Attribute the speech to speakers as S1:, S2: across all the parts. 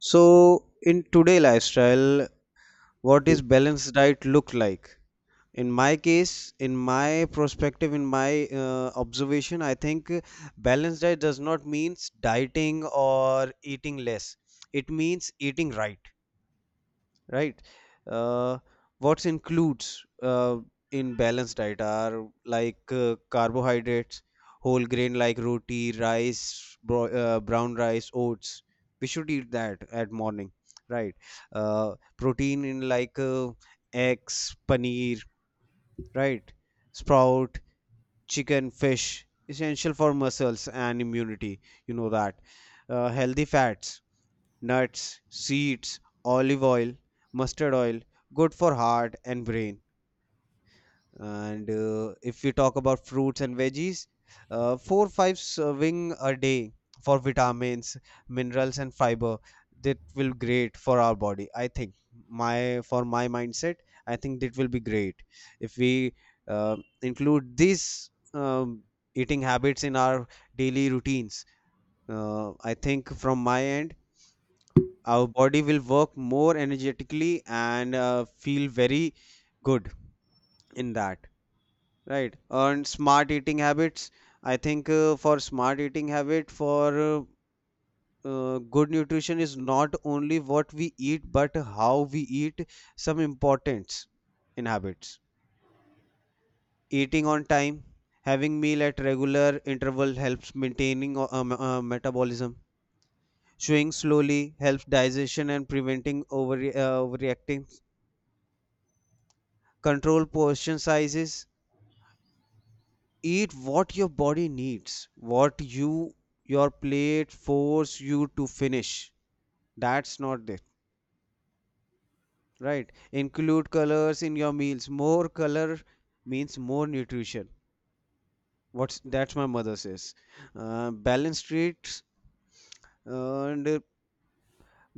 S1: So, in today lifestyle, what is balanced diet look like? In my case, in my perspective, in my observation, I think balanced diet does not means dieting or eating less. It means eating right, right. uh, what's includes in balanced diet are like carbohydrates, whole grain like roti, rice, brown rice, oats. We should eat that at morning, right. Protein in like eggs, paneer, right, sprout, chicken, fish, essential for muscles and immunity. You know that. Healthy fats, nuts, seeds, olive oil, mustard oil, good for heart and brain. And if we talk about fruits and veggies, four, five serving a day for vitamins, minerals and fiber, that will great for our body. I think, my for my mindset, I think that will be great if we uh, include these eating habits in our daily routines. I think from my end, our body will work more energetically and feel very good in that. Right. And smart eating habits. I think for smart eating habit, for good nutrition is not only what we eat, but how we eat, some importance in habits. Eating on time, having meal at regular interval helps maintaining metabolism. Chewing slowly helps digestion and preventing over, overreacting. Control portion sizes, eat what your body needs, what you, your plate force you to finish, that's not it, right. Include colors in your meals, more color means more nutrition, what's that's my mother says. Balanced treats. And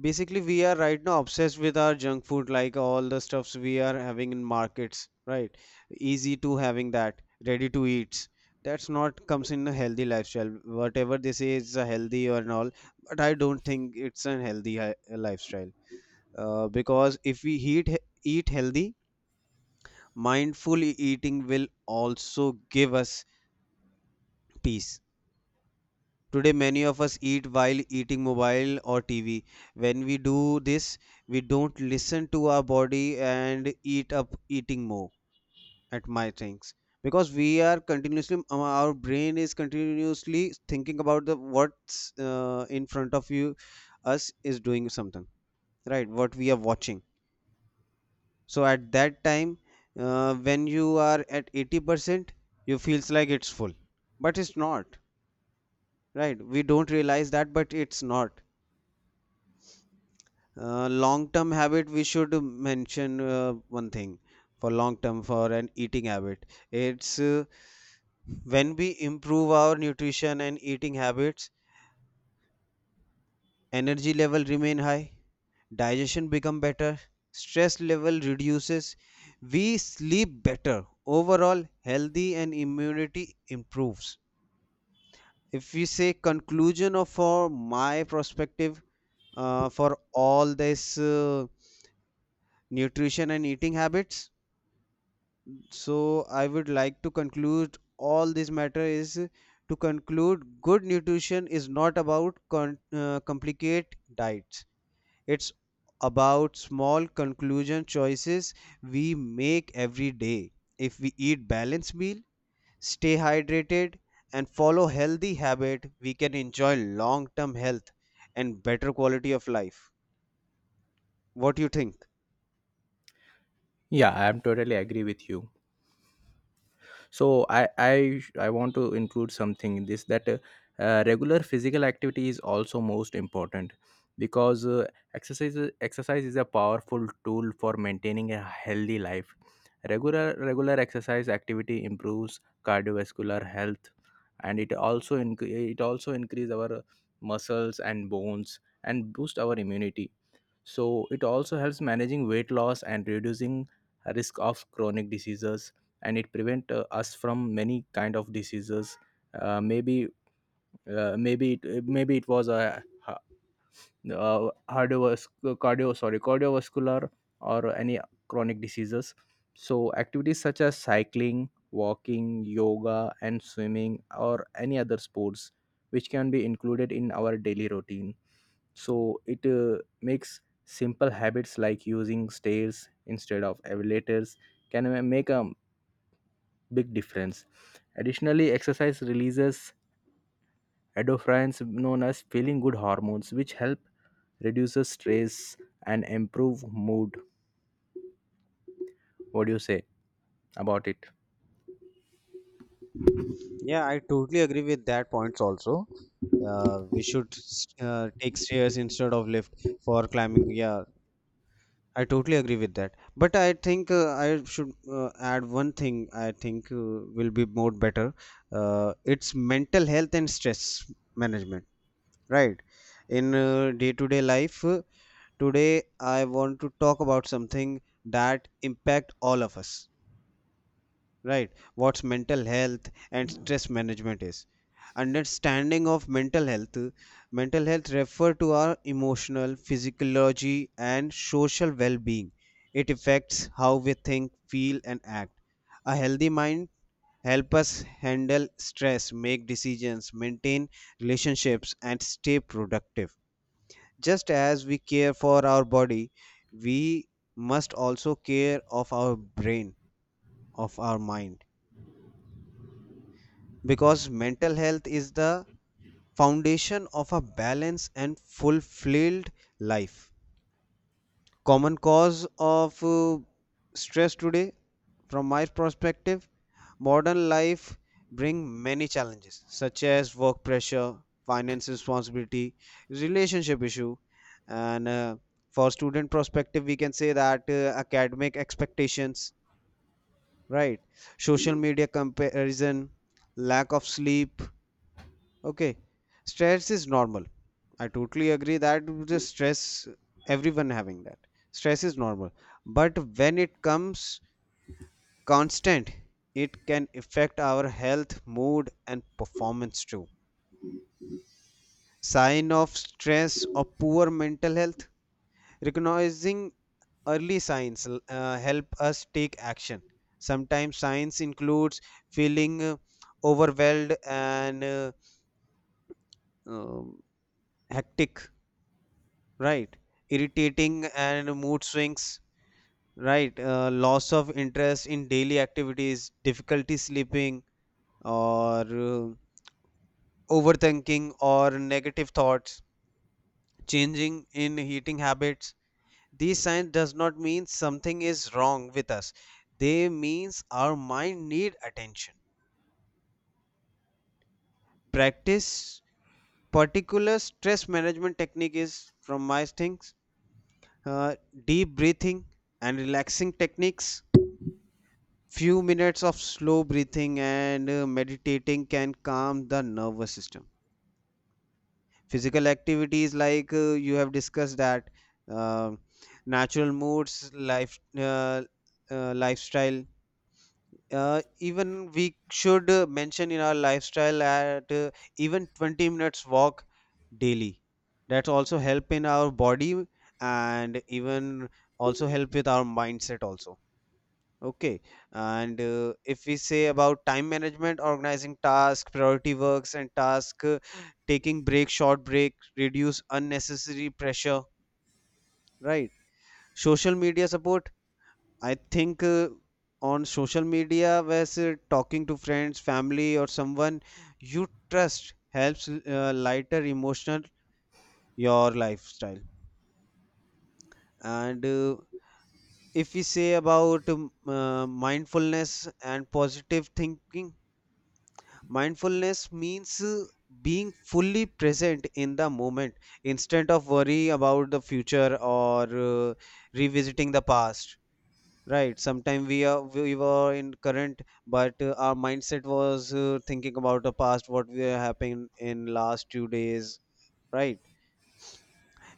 S1: basically, we are right now obsessed with our junk food, like all the stuffs we are having in markets, right? Easy to having that, ready to eat. That's not comes in a healthy lifestyle. Whatever they say is a healthy or and all, but I don't think it's a lifestyle. Because if we eat healthy, mindful eating will also give us peace. Today, many of us eat while eating mobile or TV. When we do this, we don't listen to our body and eat up eating more at my things, because we are continuously our brain is continuously thinking about the what's in front of you, us is doing something, right, what we are watching. So at that time, when you are at 80%, you feels like it's full, but it's not, right. We don't realize that, but it's not. Long term habit, we should mention one thing for long term, for an eating habit. It's when we improve our nutrition and eating habits, energy level remain high, digestion become better, stress level reduces, we sleep better, overall healthy and immunity improves. If we say conclusion of for my perspective, for all this nutrition and eating habits, so I would like to conclude all this matter is, to conclude, good nutrition is not about complicate diets, it's about small conclusion choices we make every day. If we eat balanced meal, stay hydrated and follow healthy habit, we can enjoy long term health and better quality of life. What do you think?
S2: Yeah, I am totally agree with you. So I want to include something in this that regular physical activity is also most important because exercise is a powerful tool for maintaining a healthy life. Regular exercise activity improves cardiovascular health, and it also increase our muscles and bones and boost our immunity. So it also helps managing weight loss and reducing risk of chronic diseases, and it prevent us from many kind of diseases. Uh, maybe maybe it was a uh, hardovas- cardiovascular or any chronic diseases. So activities such as cycling, walking, yoga, and swimming, or any other sports, which can be included in our daily routine. So it makes simple habits like using stairs instead of elevators can make a big difference. Additionally, exercise releases endorphins, known as feeling good hormones, which help reduces stress and improve mood. What do you say about it?
S1: Yeah, I totally agree with that points also. We should take stairs instead of lift for climbing. Yeah, I totally agree with that. But I think I should add one thing. I think will be more better. It's mental health and stress management, right? In day-to-day life, today I want to talk about something that impact all of us, right. What's mental health and stress management is, understanding of mental health. Mental health refer to our emotional, physiology and social well-being. It affects how we think, feel and act. A healthy mind help us handle stress, make decisions, maintain relationships and stay productive. Just as we care for our body, we must also care of our brain, of our mind, because mental health is the foundation of a balanced and fulfilled life. Common cause of stress today, from my perspective, modern life bring many challenges such as work pressure, finance responsibility, relationship issue, and for student perspective, we can say that academic expectations, right? Social media comparison, lack of sleep. Okay, stress is normal. I totally agree that the stress, everyone having that, stress is normal. But when it comes constant, it can affect our health, mood, and performance too. Sign of stress or poor mental health. Recognizing early signs help us take action. Sometimes signs includes feeling overwhelmed and um, hectic, right, irritating and mood swings, right. Loss of interest in daily activities, difficulty sleeping or overthinking or negative thoughts, changing in eating habits. These signs does not mean something is wrong with us, they means our mind need attention. Practice particular stress management technique is, from my things, uh, deep breathing and relaxing techniques. Few minutes of slow breathing and meditating can calm the nervous system. Physical activities, like you have discussed, that uh, natural moods, life, lifestyle. Even we should mention in our lifestyle at even 20 minutes walk daily. That's also help in our body and even also help with our mindset also. Okay, and if we say about time management, organizing task, priority works, and task taking break, short break, reduce unnecessary pressure, right? Social media support, I think on social media, where say, talking to friends, family, or someone you trust helps lighter emotional your lifestyle. And if we say about mindfulness and positive thinking, mindfulness means being fully present in the moment instead of worry about the future or revisiting the past. Right. Sometimes we were in current, but our mindset was thinking about the past, what we happened in last 2 days. Right.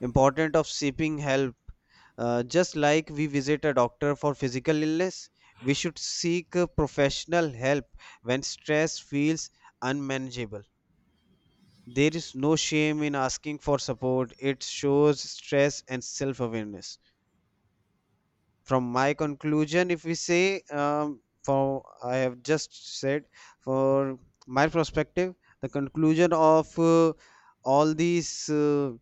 S1: Important of seeking help. Just like we visit a doctor for physical illness, we should seek professional help when stress feels unmanageable. There is no shame in asking for support. It shows stress and self awareness. From my conclusion, if we say, for I have just said, for my perspective, the conclusion of all these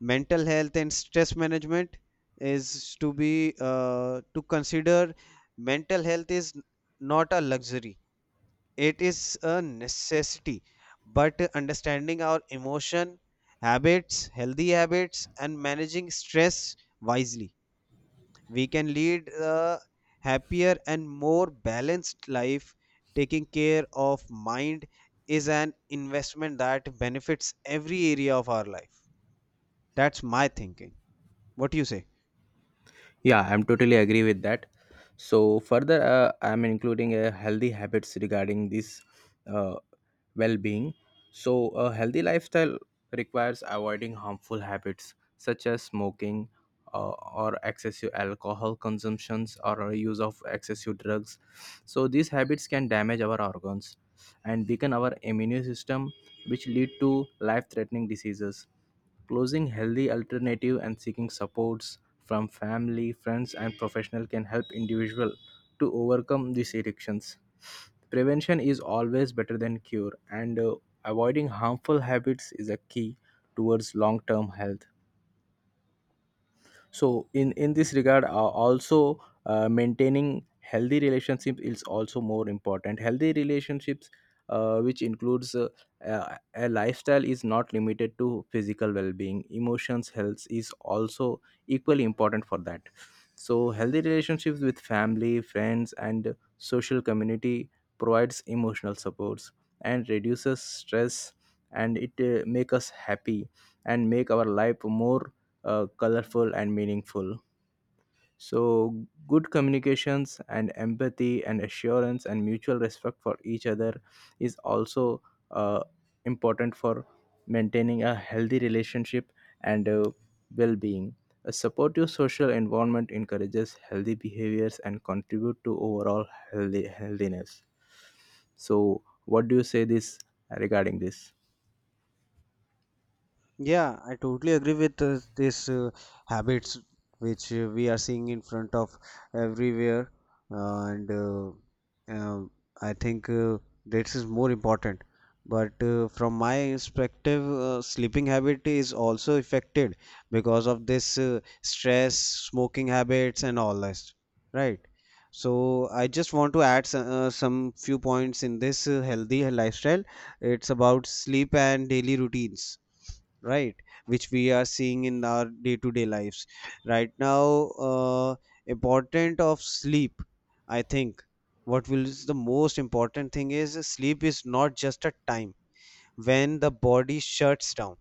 S1: mental health and stress management is to be to consider mental health is not a luxury, it is a necessity. But understanding our emotion habits, healthy habits and managing stress wisely, we can lead a happier and more balanced life. Taking care of mind is an investment that benefits every area of our life. That's my thinking. What do you say?
S2: Yeah, I'm totally agree with that. So further, I'm including a healthy habits regarding this uh, well-being. So a healthy lifestyle requires avoiding harmful habits such as smoking, uh, or excessive alcohol consumptions, or use of excessive drugs. So these habits can damage our organs and weaken our immune system, which lead to life-threatening diseases. Closing healthy alternative and seeking supports from family, friends, and professional can help individual to overcome these addictions. Prevention is always better than cure, and avoiding harmful habits is a key towards long-term health. So in this regard, also, maintaining healthy relationship is also more important. Healthy relationships, which includes, a lifestyle is not limited to physical well-being, emotions health is also equally important for that. So healthy relationships with family, friends, and social community provides emotional supports and reduces stress, and it make us happy and make our life more colorful and meaningful. So good communications and empathy and assurance and mutual respect for each other is also uh, important for maintaining a healthy relationship and well being. A supportive social environment encourages healthy behaviors and contribute to overall healthiness. So what do you say this regarding this?
S1: Yeah, I totally agree with this habits which we are seeing in front of everywhere, and um, I think this is more important. But from my perspective, sleeping habit is also affected because of this stress, smoking habits, and all this, right? So I just want to add some, few points in this healthy lifestyle. It's about sleep and daily routines, right, which we are seeing in our day to day lives right now. Important of sleep. I think what will is the most important thing is, sleep is not just a time when the body shuts down,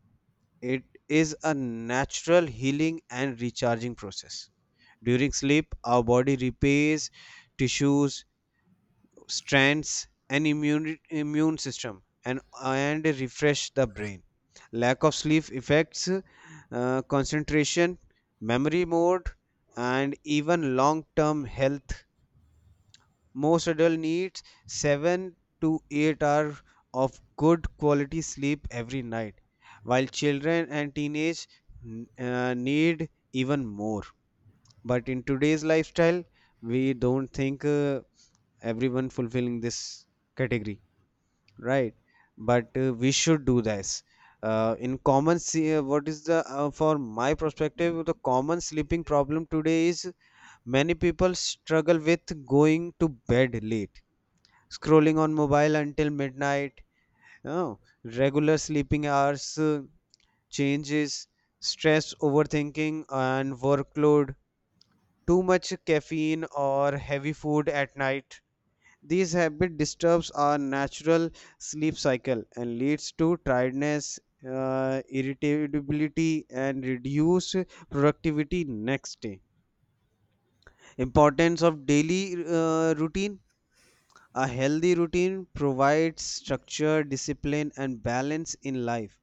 S1: it is a natural healing and recharging process. During sleep our body repairs tissues, strengths and immune system and refresh the brain. Lack of sleep affects concentration, memory, mode and even long term health. Most adults need 7 to 8 hours of good quality sleep every night, while children and teenage need even more. But in today's lifestyle, we don't think everyone fulfilling this category, right? But we should do this. In common, see, what is the for my perspective, the common sleeping problem today is, many people struggle with going to bed late, scrolling on mobile until midnight. Oh, regular sleeping hours changes, stress, overthinking, and workload, too much caffeine or heavy food at night. These habit disturbs our natural sleep cycle and leads to tiredness, irritability, and reduced productivity next day. Importance of daily routine. A healthy routine provides structure, discipline, and balance in life.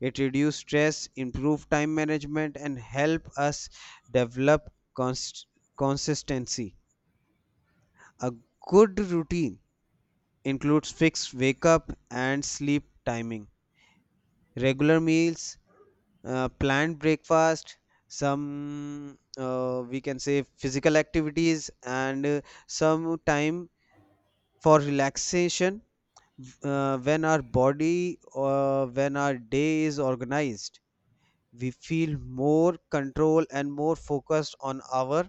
S1: It reduces stress, improves time management, and help us develop consistency. A good routine includes fixed wake up and sleep timing, regular meals, planned breakfast, some we can say physical activities, and some time for relaxation. When our body or when our day is organized, we feel more control and more focused on our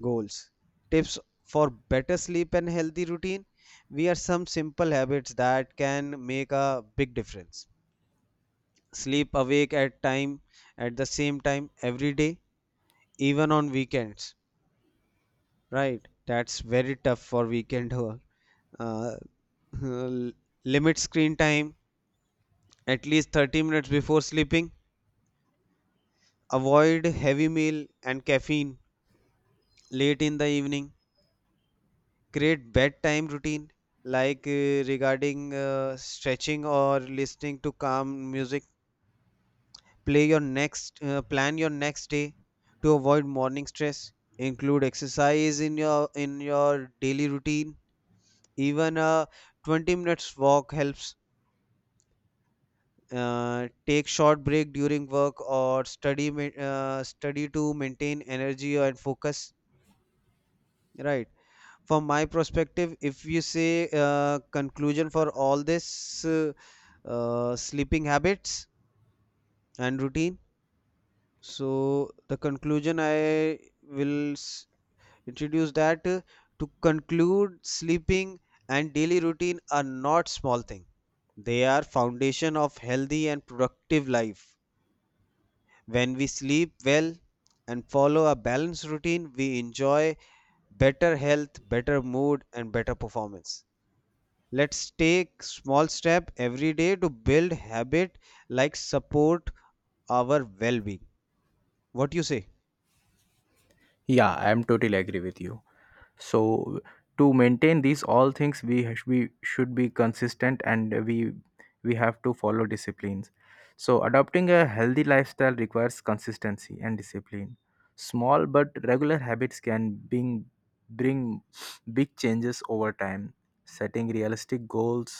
S1: goals. Tips for better sleep and healthy routine. We are some simple habits that can make a big difference. Sleep awake at time, at the same time every day, even on weekends. Right? That's very tough for weekend work. Uh, limit screen time at least 30 minutes before sleeping. Avoid heavy meal and caffeine late in the evening. Create bedtime routine like regarding stretching or listening to calm music. Play your next Plan your next day to avoid morning stress. Include exercise in your daily routine. Even a 20 minutes walk helps. Take short break during work or study to maintain energy and focus, right. From my perspective, if you say conclusion for all this sleeping habits and routine. So the conclusion I will introduce that to conclude, sleeping and daily routine are not small thing. They are foundation of healthy and productive life. When we sleep well and follow a balanced routine, we enjoy better health, better mood and better performance. Let's take small step every day to build habit like support our well-being. What you say?
S2: Yeah, I am totally agree with you. So to maintain these all things, we we should be consistent, and we have to follow disciplines. So adopting a healthy lifestyle requires consistency and discipline. Small but regular habits can bring big changes over time, setting realistic goals,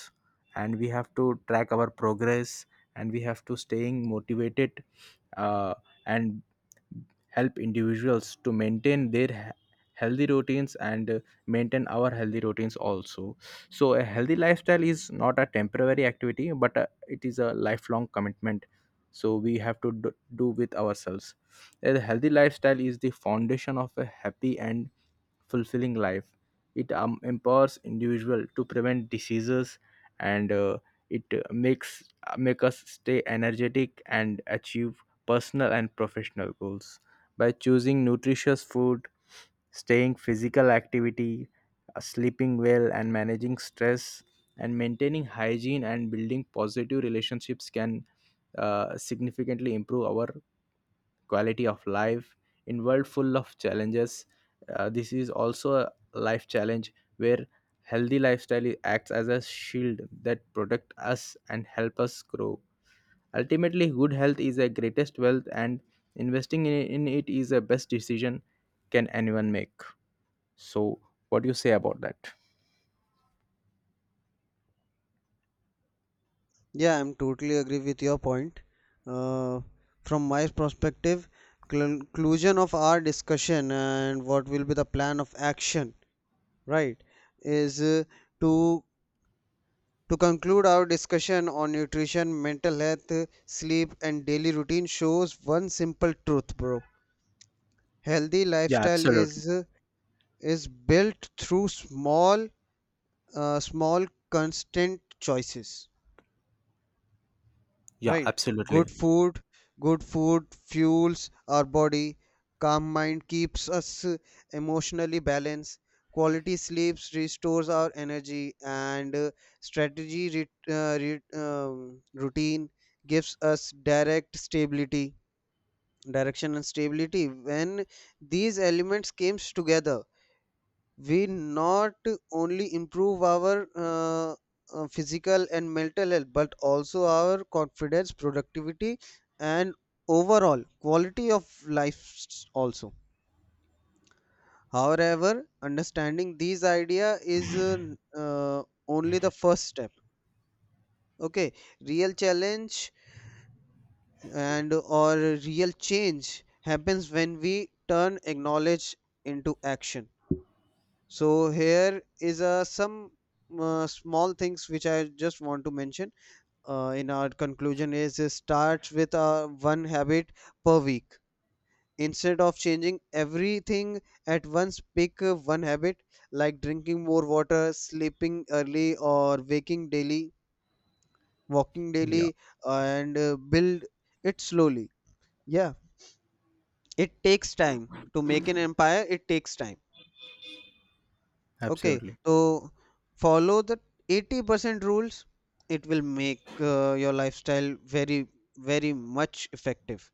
S2: and we have to track our progress, and we have to staying motivated, uh, and help individuals to maintain their healthy routines and maintain our healthy routines also. So a healthy lifestyle is not a temporary activity, but it is a lifelong commitment. So we have to do, do with ourselves. A healthy lifestyle is the foundation of a happy and fulfilling life. It empowers individual to prevent diseases, and it makes make us stay energetic and achieve personal and professional goals by choosing nutritious food, staying physical activity, sleeping well and managing stress and maintaining hygiene and building positive relationships can significantly improve our quality of life. In world full of challenges, this is also a life challenge where healthy lifestyle acts as a shield that protect us and help us grow. Ultimately, good health is the greatest wealth, and investing in it is the best decision can anyone make. So what do you say about that?
S1: Yeah, I'm totally agree with your point. Uh, from my perspective, conclusion of our discussion and what will be the plan of action, right, is to to conclude our discussion on nutrition, mental health, sleep, and daily routine shows one simple truth, bro. Healthy
S2: Yeah,
S1: lifestyle
S2: absolutely.
S1: is built through small, small, constant choices,
S2: Yeah,
S1: right? Good
S2: absolutely.
S1: food, good food fuels our body, calm mind keeps us emotionally balanced, quality sleeps restores our energy, and strategy routine gives us direct stability, direction and stability. When these elements comes together, we not only improve our physical and mental health, but also our confidence, productivity and overall quality of life also. However understanding these idea is uh, only the first step. Okay, real challenge and or real change happens when we turn acknowledge into action. So here is some small things which I just want to mention. In our conclusion is, it starts with one habit per week. Instead of changing everything at once, pick one habit like drinking more water, sleeping early, or waking daily, walking
S2: Yeah,
S1: daily, and build it slowly. Yeah, it takes time to make an empire. It takes time. Okay,
S2: absolutely.
S1: so follow the 80% rules. It will make your lifestyle very, very much effective,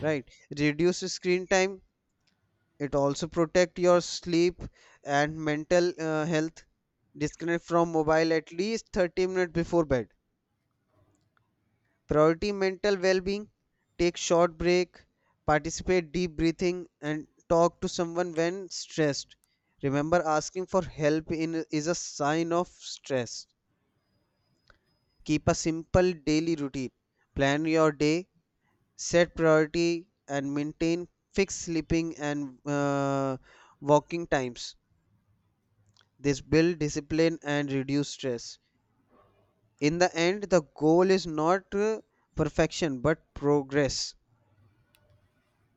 S1: right? Reduce screen time. It also protect your sleep and mental health. Disconnect from mobile at least 30 minutes before bed. Priority mental well-being. Take short break. Participate deep breathing and talk to someone when stressed. Remember, asking for help in is a sign of stress. Keep a simple daily routine. Plan your day, set priority, and maintain fixed sleeping and walking times. This builds discipline and reduce stress. In the end, the goal is not perfection but progress.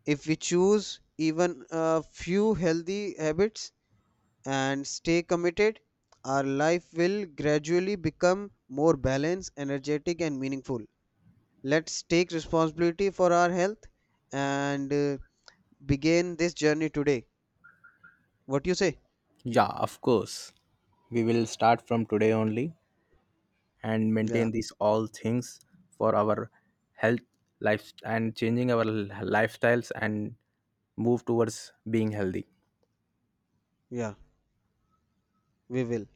S1: If we choose even a few healthy habits and stay committed, our life will gradually become more balanced, energetic, and meaningful. Let's take responsibility for our health and begin this journey today. What you say?
S2: Yeah, of course. We will start from today only and
S1: Yeah,
S2: maintain these all things for our health, life, and changing our lifestyles and move towards being healthy.
S1: yeah, we will.